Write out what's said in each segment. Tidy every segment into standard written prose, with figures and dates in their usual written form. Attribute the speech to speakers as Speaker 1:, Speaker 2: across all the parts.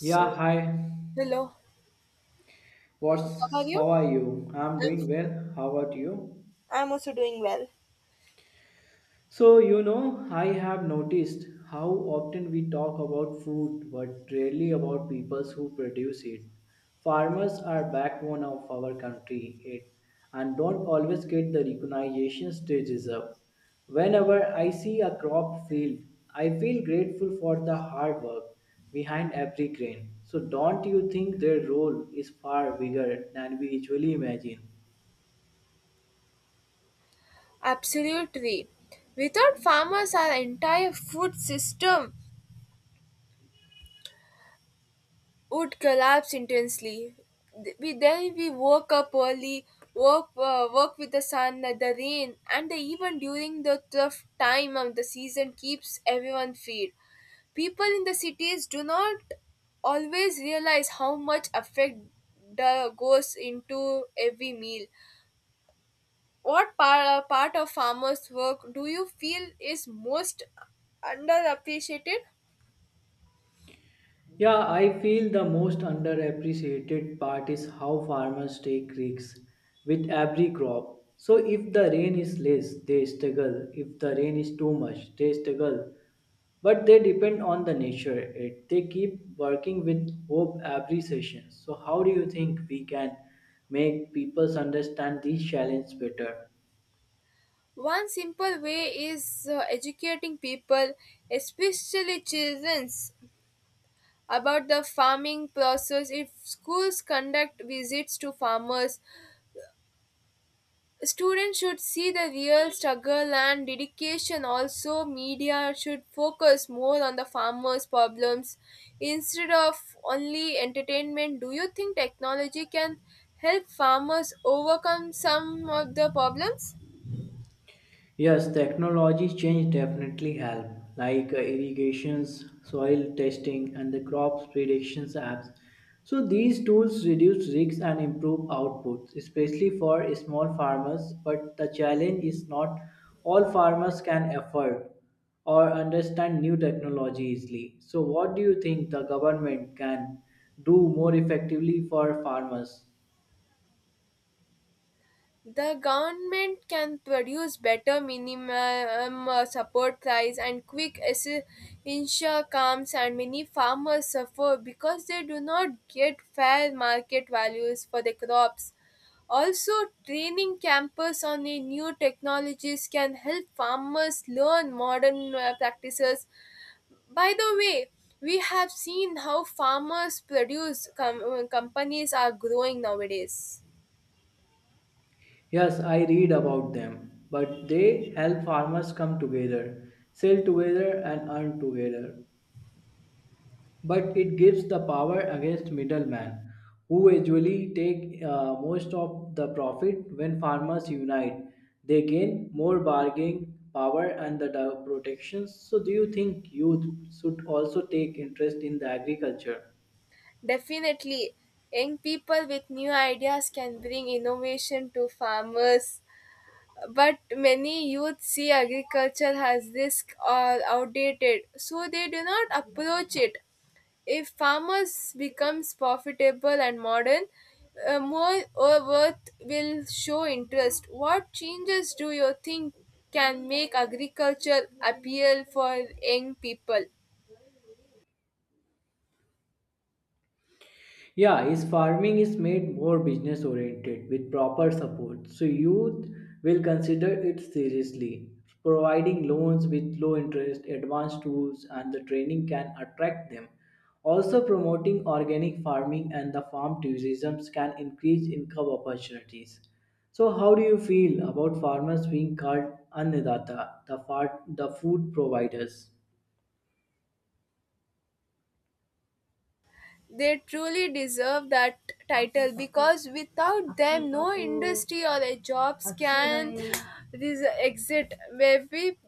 Speaker 1: Yeah, hi.
Speaker 2: hello. So,
Speaker 1: What's
Speaker 2: how are you?
Speaker 1: how are you? I'm
Speaker 2: I'm,
Speaker 1: doing well. How about you?
Speaker 2: I'm also doing well.
Speaker 1: So, I have noticed how often we talk about food but rarely about people who produce it. Farmers are backbone of our country it, and don't always get the recognition they deserve. Whenever I see a crop field, I feel grateful for the hard work behind every grain. So don't you think their role is far bigger than we usually imagine?
Speaker 2: Absolutely. Without farmers, our entire food system would collapse intensely. Th- We then we woke up early, work work with the sun, the rain, and the, even during the tough time of the season keeps everyone fed. People in the cities do not always realize how much effect the goes into every meal. What part of farmers' work do you feel is most underappreciated?
Speaker 1: Yeah, I feel the most underappreciated part is how farmers take risks with every crop. So if the rain is less, they struggle. If the rain is too much, they struggle. But they depend on the nature. It they keep working with hope every session. So how do you think we can make people understand these challenges better?
Speaker 2: One simple way is educating people, especially children, about the farming process. If schools conduct visits to farmers, students should see the real struggle and dedication. Also, media should focus more on the farmers' problems instead of only entertainment. Do you think technology can help farmers overcome some of the problems?
Speaker 1: Yes, technology change definitely help, like irrigations, soil testing, and the crops predictions apps. So these tools reduce risks and improve outputs, especially for small farmers. But the challenge is not all farmers can afford or understand new technology easily. So what do you think the government can do more effectively for farmers?
Speaker 2: The government can produce better minimum support price and insure comes and many farmers suffer because they do not get fair market values for their crops. Also, training campers on the new technologies can help farmers learn modern practices. By the way, we have seen how farmers produce companies are growing nowadays.
Speaker 1: Yes, I read about them, but they help farmers come together, sell together, and earn together. But it gives the power against middlemen, who usually take most of the profit when farmers unite. They gain more bargaining power and the protections. So, do you think youth should also take interest in the agriculture?
Speaker 2: Definitely, young people with new ideas can bring innovation to farmers. But many youth see agriculture as risk or outdated, so they do not approach it. If farmers becomes profitable and modern, more worth will show interest. What changes do you think can make agriculture appeal for young people?
Speaker 1: Yeah, his farming is made more business oriented with proper support, so youth will consider it seriously. Providing loans with low interest, advanced tools, and the training can attract them. Also, promoting organic farming and the farm tourism can increase income opportunities. So, how do you feel about farmers being called annadata, the, the food providers?
Speaker 2: They truly deserve that title because without them no industry or a jobs can exit every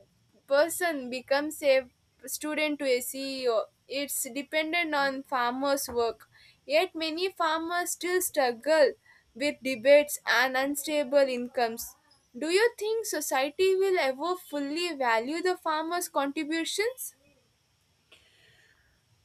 Speaker 2: person becomes a student to a ceo, it's dependent on farmers work, yet many farmers still struggle with debates and unstable incomes. Do you think society will ever fully value the farmers contributions?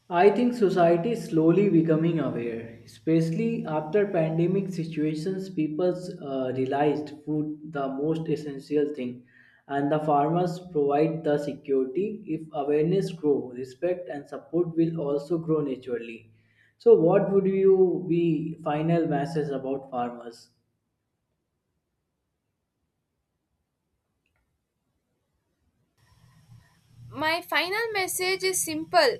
Speaker 1: I think society is slowly becoming aware, especially after pandemic situations. People realized food the most essential thing, and the farmers provide the security. If awareness grow, respect and support will also grow naturally. So, what would you be final message about farmers?
Speaker 2: My final message is simple.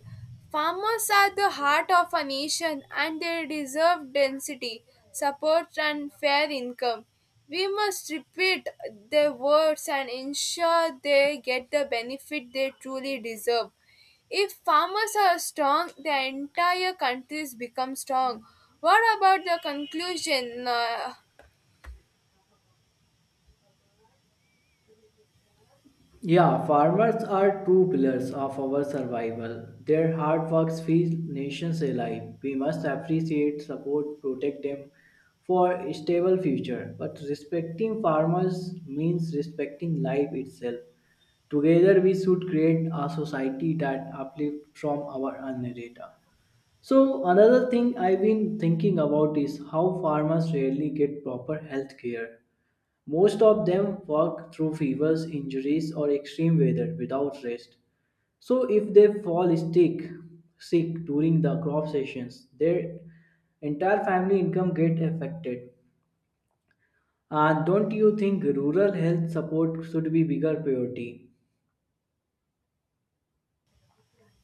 Speaker 2: Farmers are the heart of a nation and they deserve density, support, and fair income. We must repeat their words and ensure they get the benefit they truly deserve. If farmers are strong, the entire countries become strong. What about the conclusion?
Speaker 1: Yeah, farmers are true pillars of our survival. Their hard works feed nations alive. We must appreciate, support, protect them for a stable future. But respecting farmers means respecting life itself. Together we should create a society that uplifts from our earned data. So another thing I've been thinking about is how farmers rarely get proper health care. Most of them work through fevers, injuries, or extreme weather without rest. So, if they fall sick, sick during the crop sessions, their entire family income get affected. And don't you think rural health support should be bigger priority?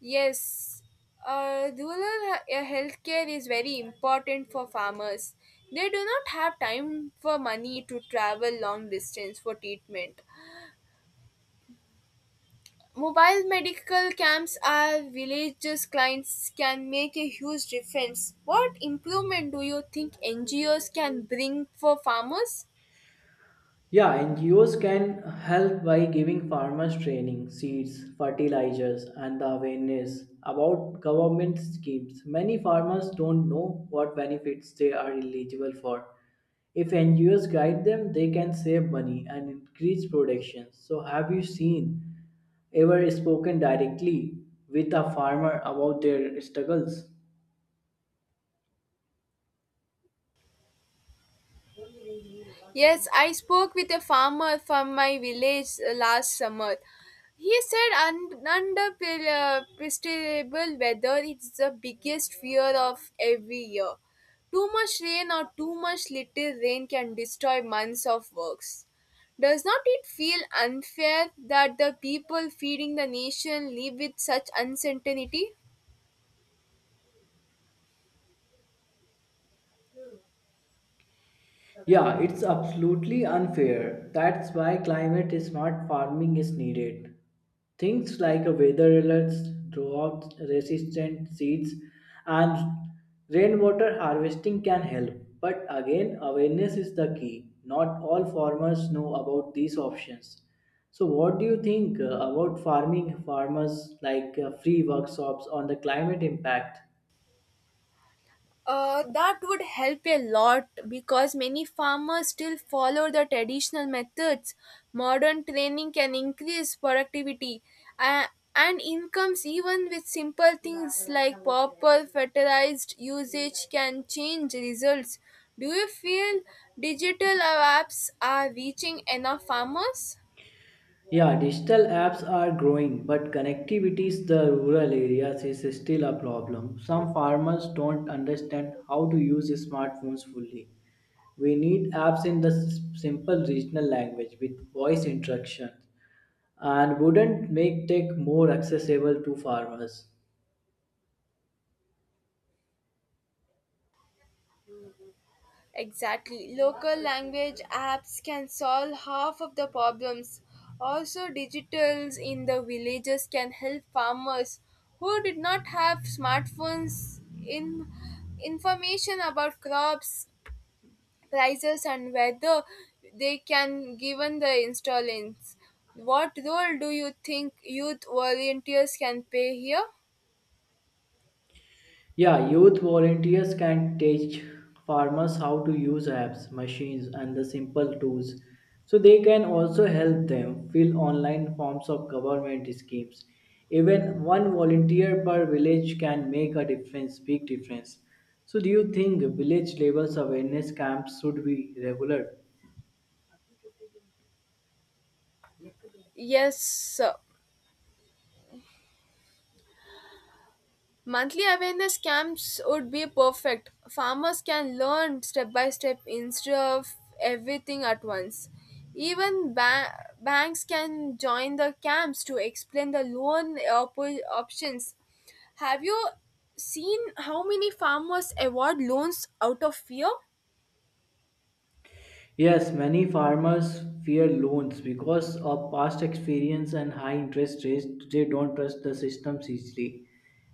Speaker 2: Yes, healthcare is very important for farmers. They do not have time for money to travel long distance for treatment. Mobile medical camps are villages clients can make a huge difference. What improvement do you think NGOs can bring for farmers?
Speaker 1: Yeah, NGOs can help by giving farmers training, seeds, fertilizers, and the awareness about government schemes. Many farmers don't know what benefits they are eligible for. If NGOs guide them, they can save money and increase production. So, have you seen ever spoken directly with a farmer about their struggles?
Speaker 2: Yes, I spoke with a farmer from my village last summer. He said predictable weather it's the biggest fear of every year. Too much rain or too much little rain can destroy months of works. Does not it feel unfair that the people feeding the nation live with such uncertainty?
Speaker 1: Yeah, it's absolutely unfair. That's why climate smart farming is needed. Things like a weather alerts, drought resistant seeds, and rainwater harvesting can help. But again, awareness is the key. Not all farmers know about these options. So, what do you think about farming farmers like free workshops on the climate impact?
Speaker 2: That would help a lot because many farmers still follow the traditional methods. Modern training can increase productivity uh, and incomes, even with simple things like proper fertilized usage, can change results. Do you feel digital apps are reaching enough farmers?
Speaker 1: Yeah, digital apps are growing, but connectivity in the rural areas is still a problem. Some farmers don't understand how to use smartphones fully. We need apps in the simple regional language with voice instructions and wouldn't make tech more accessible to farmers.
Speaker 2: Exactly. Local language apps can solve half of the problems. Also, digitals in the villages can help farmers who did not have smartphones in information about crops, prices and weather they can given the installments. What role do you think youth volunteers can play here?
Speaker 1: Yeah, youth volunteers can teach farmers how to use apps, machines, and the simple tools. So they can also help them fill online forms of government schemes. Even one volunteer per village can make a difference, big difference. So do you think village level awareness camps should be regular?
Speaker 2: Yes, monthly awareness camps would be perfect. Farmers can learn step by step instead of everything at once. Even banks can join the camps to explain the options. Have you seen how many farmers award loans out of fear?
Speaker 1: Yes, many farmers fear loans because of past experience and high interest rates. They don't trust the systems easily,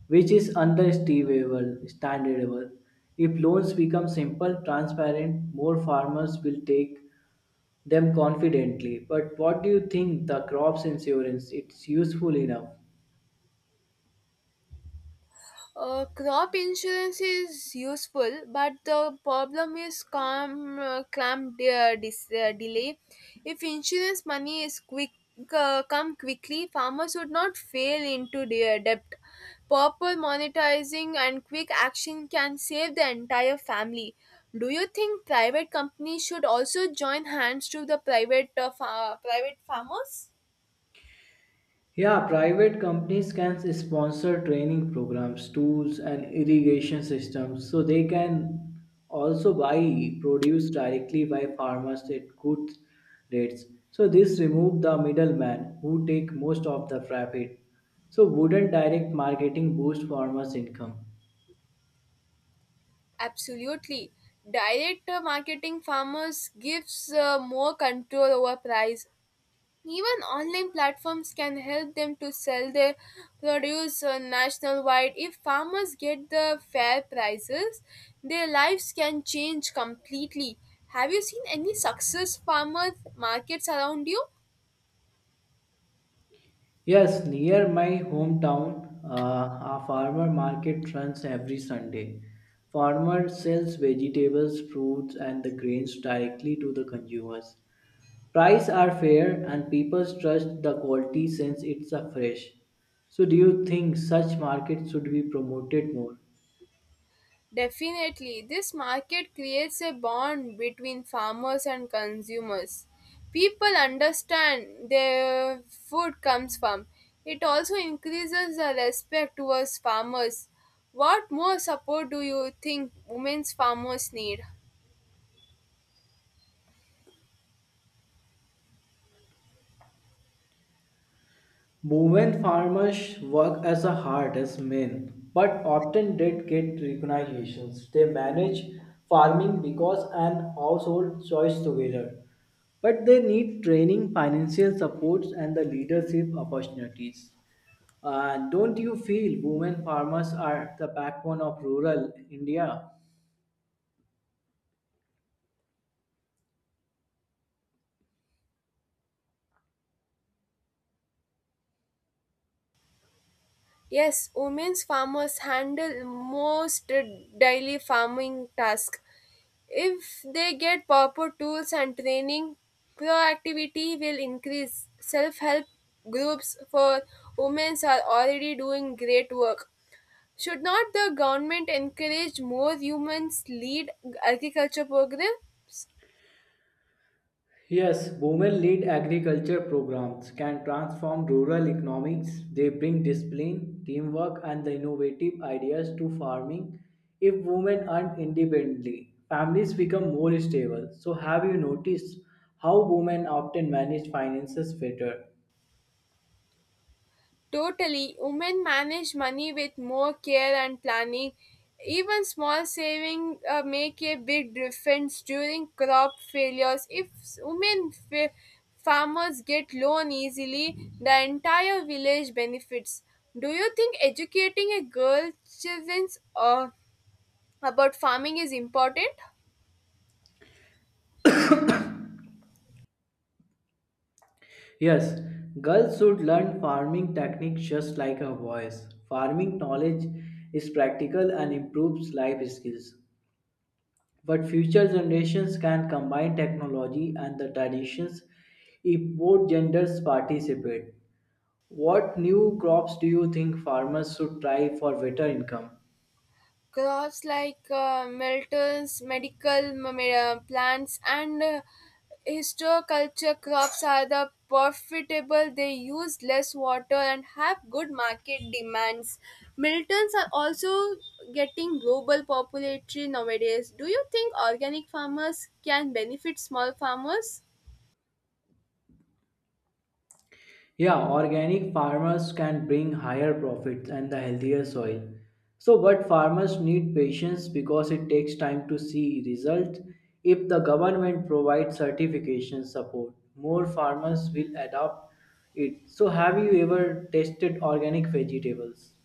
Speaker 1: which is understandable. Standardable. If loans become simple, transparent, more farmers will take them confidently. But what do you think the crops insurance? It's useful enough.
Speaker 2: Crop insurance is useful, but the problem is calm, clamp delay. If insurance money is quick, come quickly, farmers would not fail into their debt. Proper monetizing and quick action can save the entire family. Do you think private companies should also join hands to the private private farmers?
Speaker 1: Yeah, private companies can sponsor training programs, tools, and irrigation systems. So they can also buy produce directly by farmers at good rates. So this remove the middleman who take most of the profit. So wouldn't direct marketing boost farmers' income?
Speaker 2: Absolutely. Direct marketing farmers gives more control over price. Even online platforms can help them to sell their produce nationwide. If farmers get the fair prices, their lives can change completely. Have you seen any success farmers markets around you?
Speaker 1: Yes, near my hometown, a farmer market runs every Sunday. Farmer sells vegetables, fruits, and the grains directly to the consumers. Prices are fair, and people trust the quality since it's a fresh. So, do you think such markets should be promoted more?
Speaker 2: Definitely, this market creates a bond between farmers and consumers. People understand their food comes from. It also increases the respect towards farmers. What more support do you think women's farmers need?
Speaker 1: Women farmers work as hard as men, but often did get recognitions. They manage farming because an household choice together, but they need training, financial supports, and the leadership opportunities. Don't you feel women farmers are the backbone of rural India?
Speaker 2: Yes, women's farmers handle most daily farming tasks. If they get proper tools and training, proactivity will increase. Self help groups for women are already doing great work. Should not the government encourage more women lead agriculture programs?
Speaker 1: Yes, women lead agriculture programs can transform rural economics. They bring discipline, teamwork, and the innovative ideas to farming. If women earn independently, families become more stable. So, have you noticed how women often manage finances better?
Speaker 2: Totally, women manage money with more care and planning. Even small savings make a big difference during crop failures. If women farmers get loan easily, the entire village benefits. Do you think educating a girl children uh, about farming is important?
Speaker 1: Yes, girls should learn farming techniques just like her boys. Farming knowledge is practical and improves life skills. But future generations can combine technology and the traditions if both genders participate. What new crops do you think farmers should try for better income?
Speaker 2: Crops like melters, medical plants, and histoculture crops are the profitable, they use less water and have good market demands. Miltons are also getting global popularity nowadays. Do you think organic farmers can benefit small farmers?
Speaker 1: Yeah, organic farmers can bring higher profits and the healthier soil. So, but farmers need patience because it takes time to see results. If the government provides certification support, more farmers will adopt it. So, have you ever tasted organic vegetables?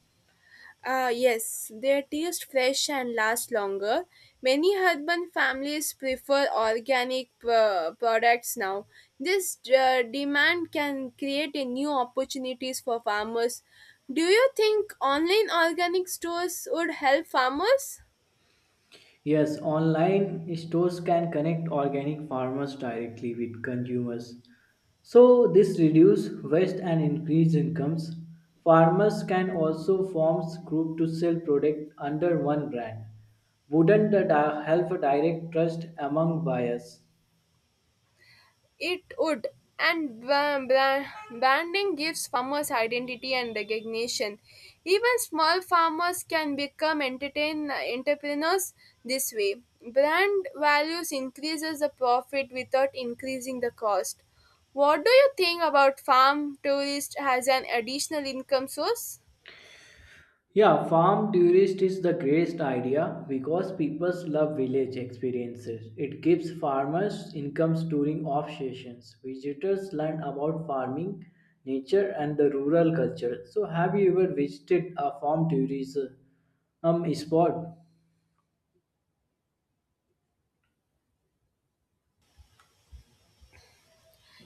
Speaker 2: Ah, yes, they taste fresh and last longer. Many urban families prefer organic products now. This demand can create a new opportunities for farmers. Do you think online organic stores would help farmers?
Speaker 1: Yes, online stores can connect organic farmers directly with consumers. So this reduce waste and increase incomes. Farmers can also form group to sell product under one brand. Wouldn't that help direct trust among buyers?
Speaker 2: It would, and branding gives farmers identity and recognition. Even small farmers can become entertain entrepreneurs this way. Brand values increases the profit without increasing the cost. What do you think about farm tourist as an additional income source?
Speaker 1: Yeah, farm tourist is the greatest idea because people love village experiences. It gives farmers incomes during off seasons. Visitors learn about farming, nature, and the rural culture. So, have you ever visited a farm tourism spot?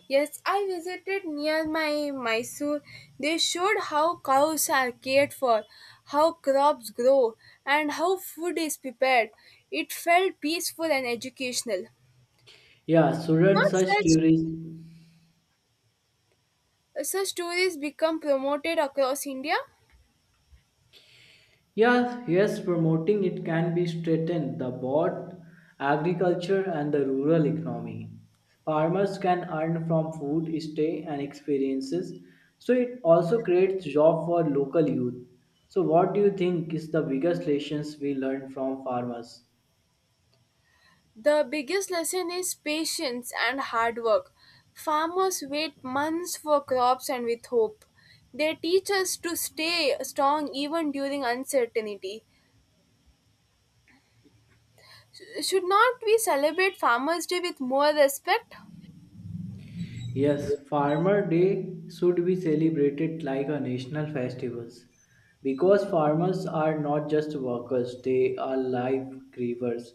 Speaker 2: Yes, I visited near my Mysore. They showed how cows are cared for, how crops grow, and how food is prepared. It felt peaceful and educational.
Speaker 1: Yeah, shouldn't
Speaker 2: Not
Speaker 1: such
Speaker 2: such
Speaker 1: tourists.
Speaker 2: Such stories become promoted across India.
Speaker 1: Yes, yes, promoting it can be strengthened the both agriculture and the rural economy. Farmers can earn from food, stay, and experiences. So it also creates job for local youth. So what do you think is the biggest lessons we learn from farmers?
Speaker 2: The biggest lesson is patience and hard work. Farmers wait months for crops and with hope. They teach us to stay strong even during uncertainty. Should not we celebrate Farmers' Day with more respect?
Speaker 1: Yes, Farmer Day should be celebrated like a national festival because farmers are not just workers, they are life givers.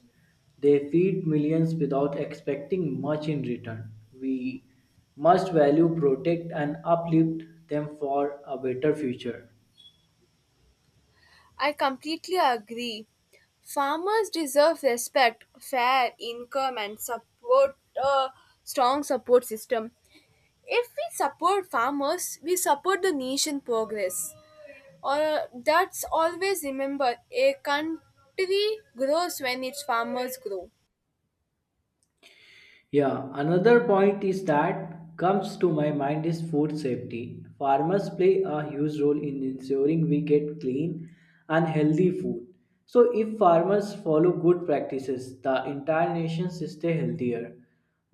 Speaker 1: They feed millions without expecting much in return. We must value, protect, and uplift them for a better future.
Speaker 2: I completely agree. Farmers deserve respect, fair income, and support a strong support system. If we support farmers, we support the nation progress. Or that's always remember a country grows when its farmers grow.
Speaker 1: Yeah, another point is that comes to my mind is food safety. Farmers play a huge role in ensuring we get clean and healthy food. So if farmers follow good practices, the entire nation stay healthier.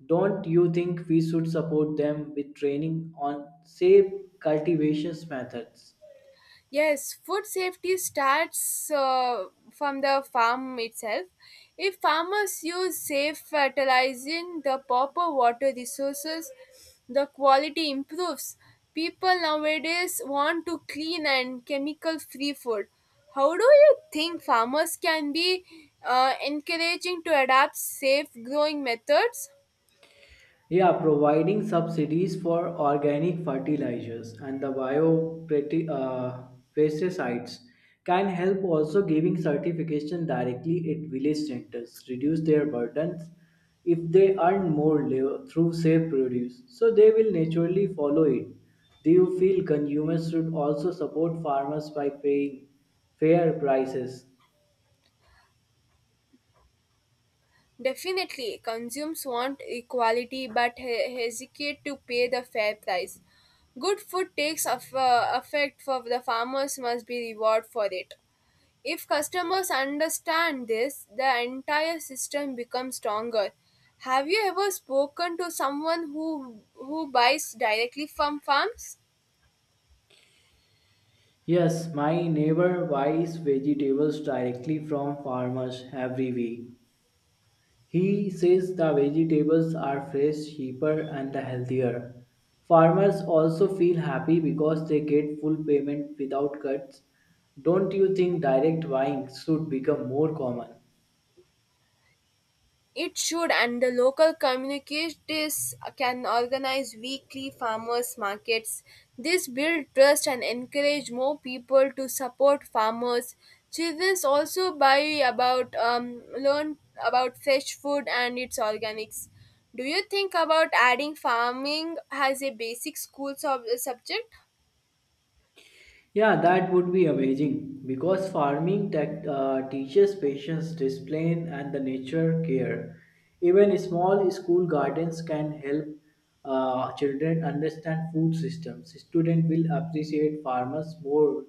Speaker 1: Don't you think we should support them with training on safe cultivations methods?
Speaker 2: Yes, food safety starts from the farm itself. If farmers use safe fertilizing, the proper water resources, the quality improves. People nowadays want to clean and chemical free food. How do you think farmers can be encouraging to adapt safe growing methods?
Speaker 1: Yeah, providing subsidies for organic fertilizers and the pesticides can help also giving certification directly at village centers, reduce their burdens if they earn more through safe produce. So they will naturally follow it. Do you feel consumers should also support farmers by paying fair prices?
Speaker 2: Definitely, consumers want equality but hesitate to pay the fair price. Good food takes of, effect for the farmers must be rewarded for it. If customers understand this, the entire system becomes stronger. Have you ever spoken to someone who buys directly from farms?
Speaker 1: Yes, my neighbor buys vegetables directly from farmers every week. He says the vegetables are fresh, cheaper, and healthier. Farmers also feel happy because they get full payment without cuts. Don't you think direct buying should become more common?
Speaker 2: It should, and the local communities can organize weekly farmers markets. This build trust and encourage more people to support farmers. Children also buy about learn about fresh food and its organics. Do you think about adding farming as a basic subject?
Speaker 1: Yeah, that would be amazing because farming teaches patience, discipline, and the nature care. Even small school gardens can help children understand food systems. Students will appreciate farmers more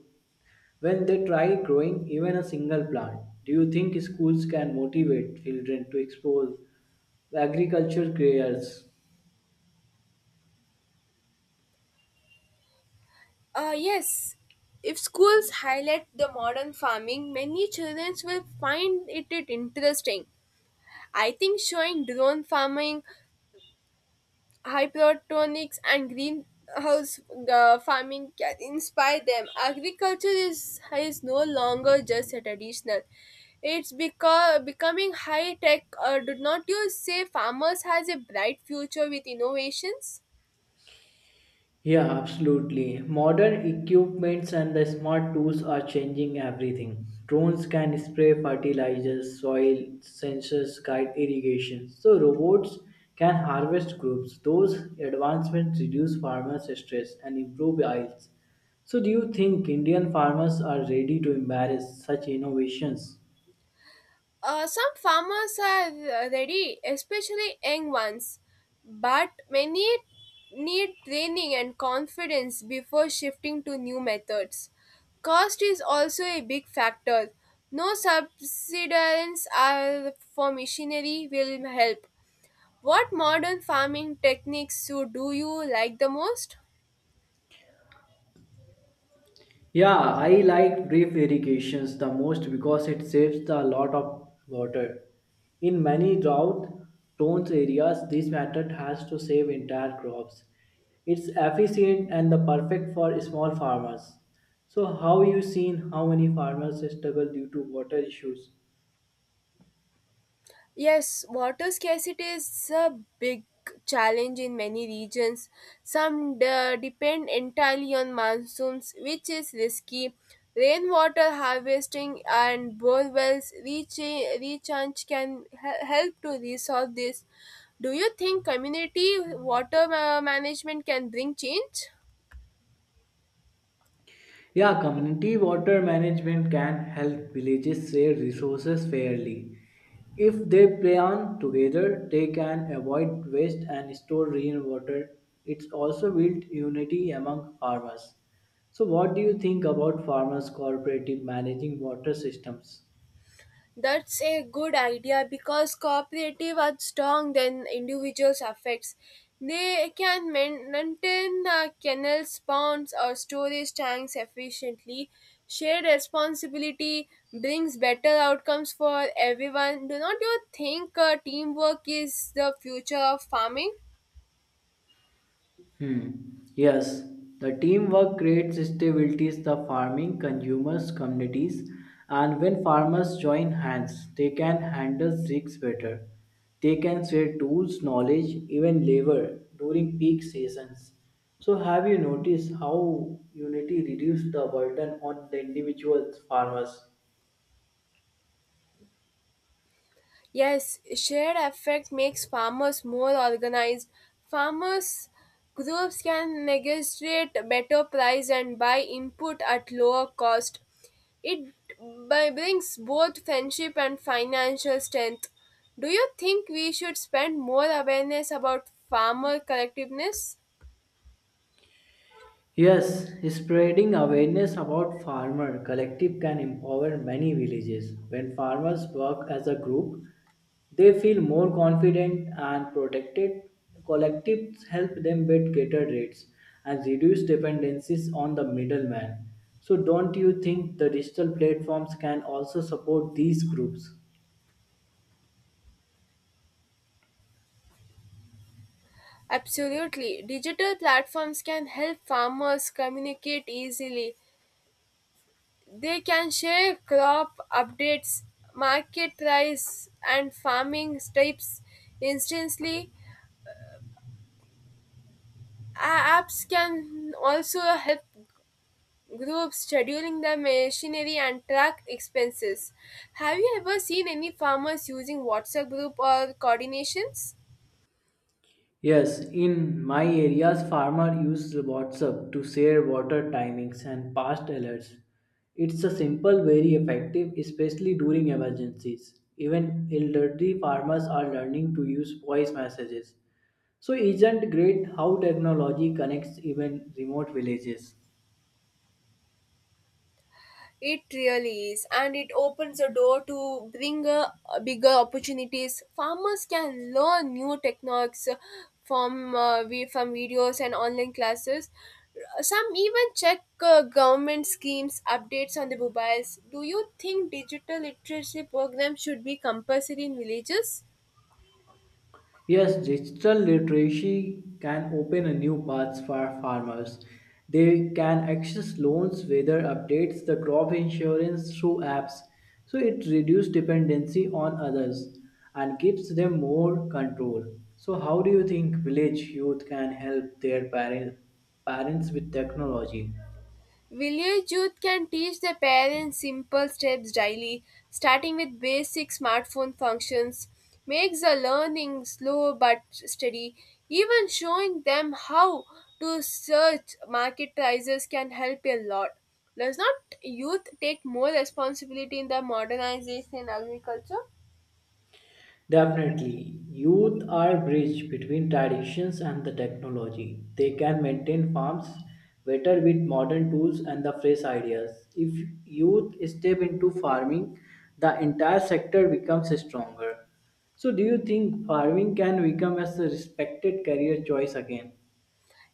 Speaker 1: when they try growing even a single plant. Do you think schools can motivate children to explore agriculture careers?
Speaker 2: Yes. If schools highlight the modern farming, many children will find it interesting. I think showing drone farming, hydroponics, and greenhouse farming can inspire them. Agriculture is no longer just a traditional. It's becoming high tech. Do not you say farmers has a bright future with innovations?
Speaker 1: Yeah, absolutely. Modern equipments and the smart tools are changing everything. Drones can spray fertilizers, soil sensors guide irrigation. So robots can harvest crops. Those advancements reduce farmers' stress and improve yields. So do you think Indian farmers are ready to embrace such innovations?
Speaker 2: Some farmers are ready, especially young ones, but many need training and confidence before shifting to new methods. Cost is also a big factor. No subsidies are for machinery will help. What modern farming techniques so do you like the most?
Speaker 1: Yeah, I like drip irrigations the most because it saves the lot of water. In many drought-prone areas, this method has to save entire crops. It's efficient and the perfect for small farmers. So, how you seen how many farmers struggle due to water issues?
Speaker 2: Yes, water scarcity is a big challenge in many regions. Some depend entirely on monsoons, which is risky. Rainwater harvesting and bore wells recharge can help to resolve this. Do you think community water management can bring change?
Speaker 1: Yeah, community water management can help villages share resources fairly. If they plan together, they can avoid waste and store rainwater. It's also built unity among farmers. So, what do you think about farmers cooperative managing water systems?
Speaker 2: That's a good idea because cooperative are strong than individuals affects. They can maintain the kennels, ponds, or storage tanks efficiently. Shared responsibility brings better outcomes for everyone. Do not you think teamwork is the future of farming?
Speaker 1: Hmm. Yes, the teamwork creates stability in the farming consumers communities, and when farmers join hands, they can handle risks better. They can share tools, knowledge, even labor during peak seasons. So, have you noticed how unity reduces the burden on the individual farmers?
Speaker 2: Yes, shared effect makes farmers more organized. Farmers groups can negotiate better price and buy input at lower cost. It by brings both friendship and financial strength. Do you think we should spend more awareness about farmer collectiveness?
Speaker 1: Yes, spreading awareness about farmer collective can empower many villages. When farmers work as a group, they feel more confident and protected. Collectives help them bid better rates and reduce dependencies on the middleman. So, don't you think the digital platforms can also support these groups?
Speaker 2: Absolutely. Digital platforms can help farmers communicate easily. They can share crop updates, market price, and farming tips instantly. A- Apps can also help groups scheduling the machinery and track expenses. Have you ever seen any farmers using WhatsApp group or coordinations?
Speaker 1: Yes, in my areas, farmer use WhatsApp to share water timings and past alerts. It's a simple, very effective, especially during emergencies. Even elderly farmers are learning to use voice messages. So, isn't great how technology connects even remote villages?
Speaker 2: It really is, and it opens a door to bring bigger opportunities. Farmers can learn new techniques from from videos and online classes. Some even check government schemes updates on the mobiles. Do you think digital literacy programs should be compulsory in villages?
Speaker 1: Yes, digital literacy can open a new paths for farmers. They can access loans, weather updates, the crop insurance through apps. So it reduces dependency on others and gives them more control. So how do you think village youth can help their parent, parents with technology?
Speaker 2: Village youth can teach their parents simple steps daily, starting with basic smartphone functions, makes the learning slow but steady. Even showing them how to search market prices can help a lot. Does not youth take more responsibility in the modernization in agriculture?
Speaker 1: Definitely, youth are bridge between traditions and the technology. They can maintain farms better with modern tools and the fresh ideas. If youth step into farming, the entire sector becomes stronger. So, do you think farming can become as a respected career choice again?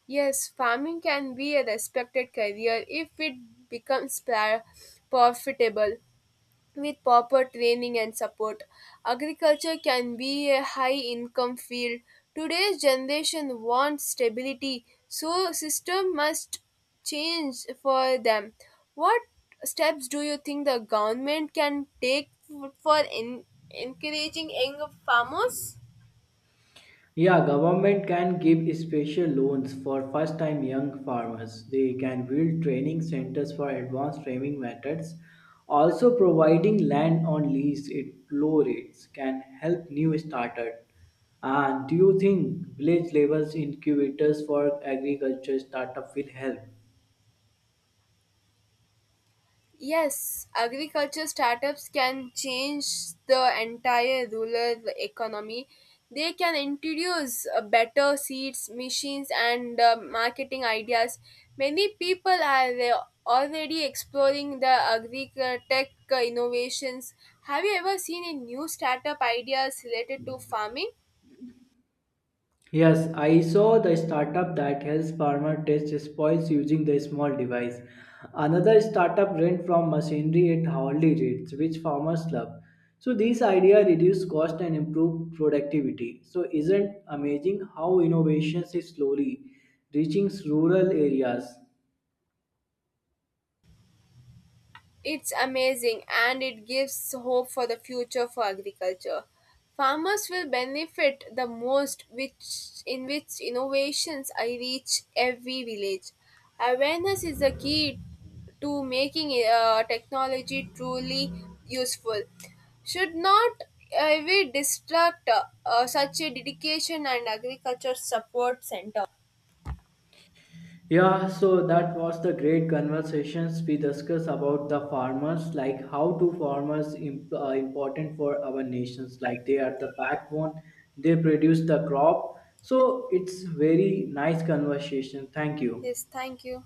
Speaker 2: Yes, farming can be a respected career if it becomes profitable. With proper training and support, agriculture can be a high income field. Today's generation wants stability, so system must change for them. What steps do you think the government can take for encouraging young farmers?
Speaker 1: Yeah, government can give special loans for first-time young farmers. They can build training centers for advanced farming methods. Also, providing land on lease at low rates can help new starters. And do you think village levels incubators for agriculture startup will help?
Speaker 2: Yes, agriculture startups can change the entire rural economy. They can introduce better seeds, machines, and marketing ideas. Many people are already exploring the agri tech innovations. Have you ever seen a new startup ideas related to farming?
Speaker 1: Yes, I saw the startup that helps farmer test spoils using the small device. Another startup rent from machinery at hourly rates, which farmers love. So these idea reduce cost and improve productivity. So isn't amazing how innovations is slowly reaching rural areas.
Speaker 2: It's amazing and it gives hope for the future for agriculture. Farmers will benefit the most which in which innovations I reach every village. Awareness is the key to making technology truly useful. Should not we distract such a dedication and agriculture support center.
Speaker 1: Yeah, so that was the great conversations we discussed about the farmers, like how do farmers important for our nations, like they are the backbone, they produce the crop. So it's very nice conversation. Thank you.
Speaker 2: Yes, thank you.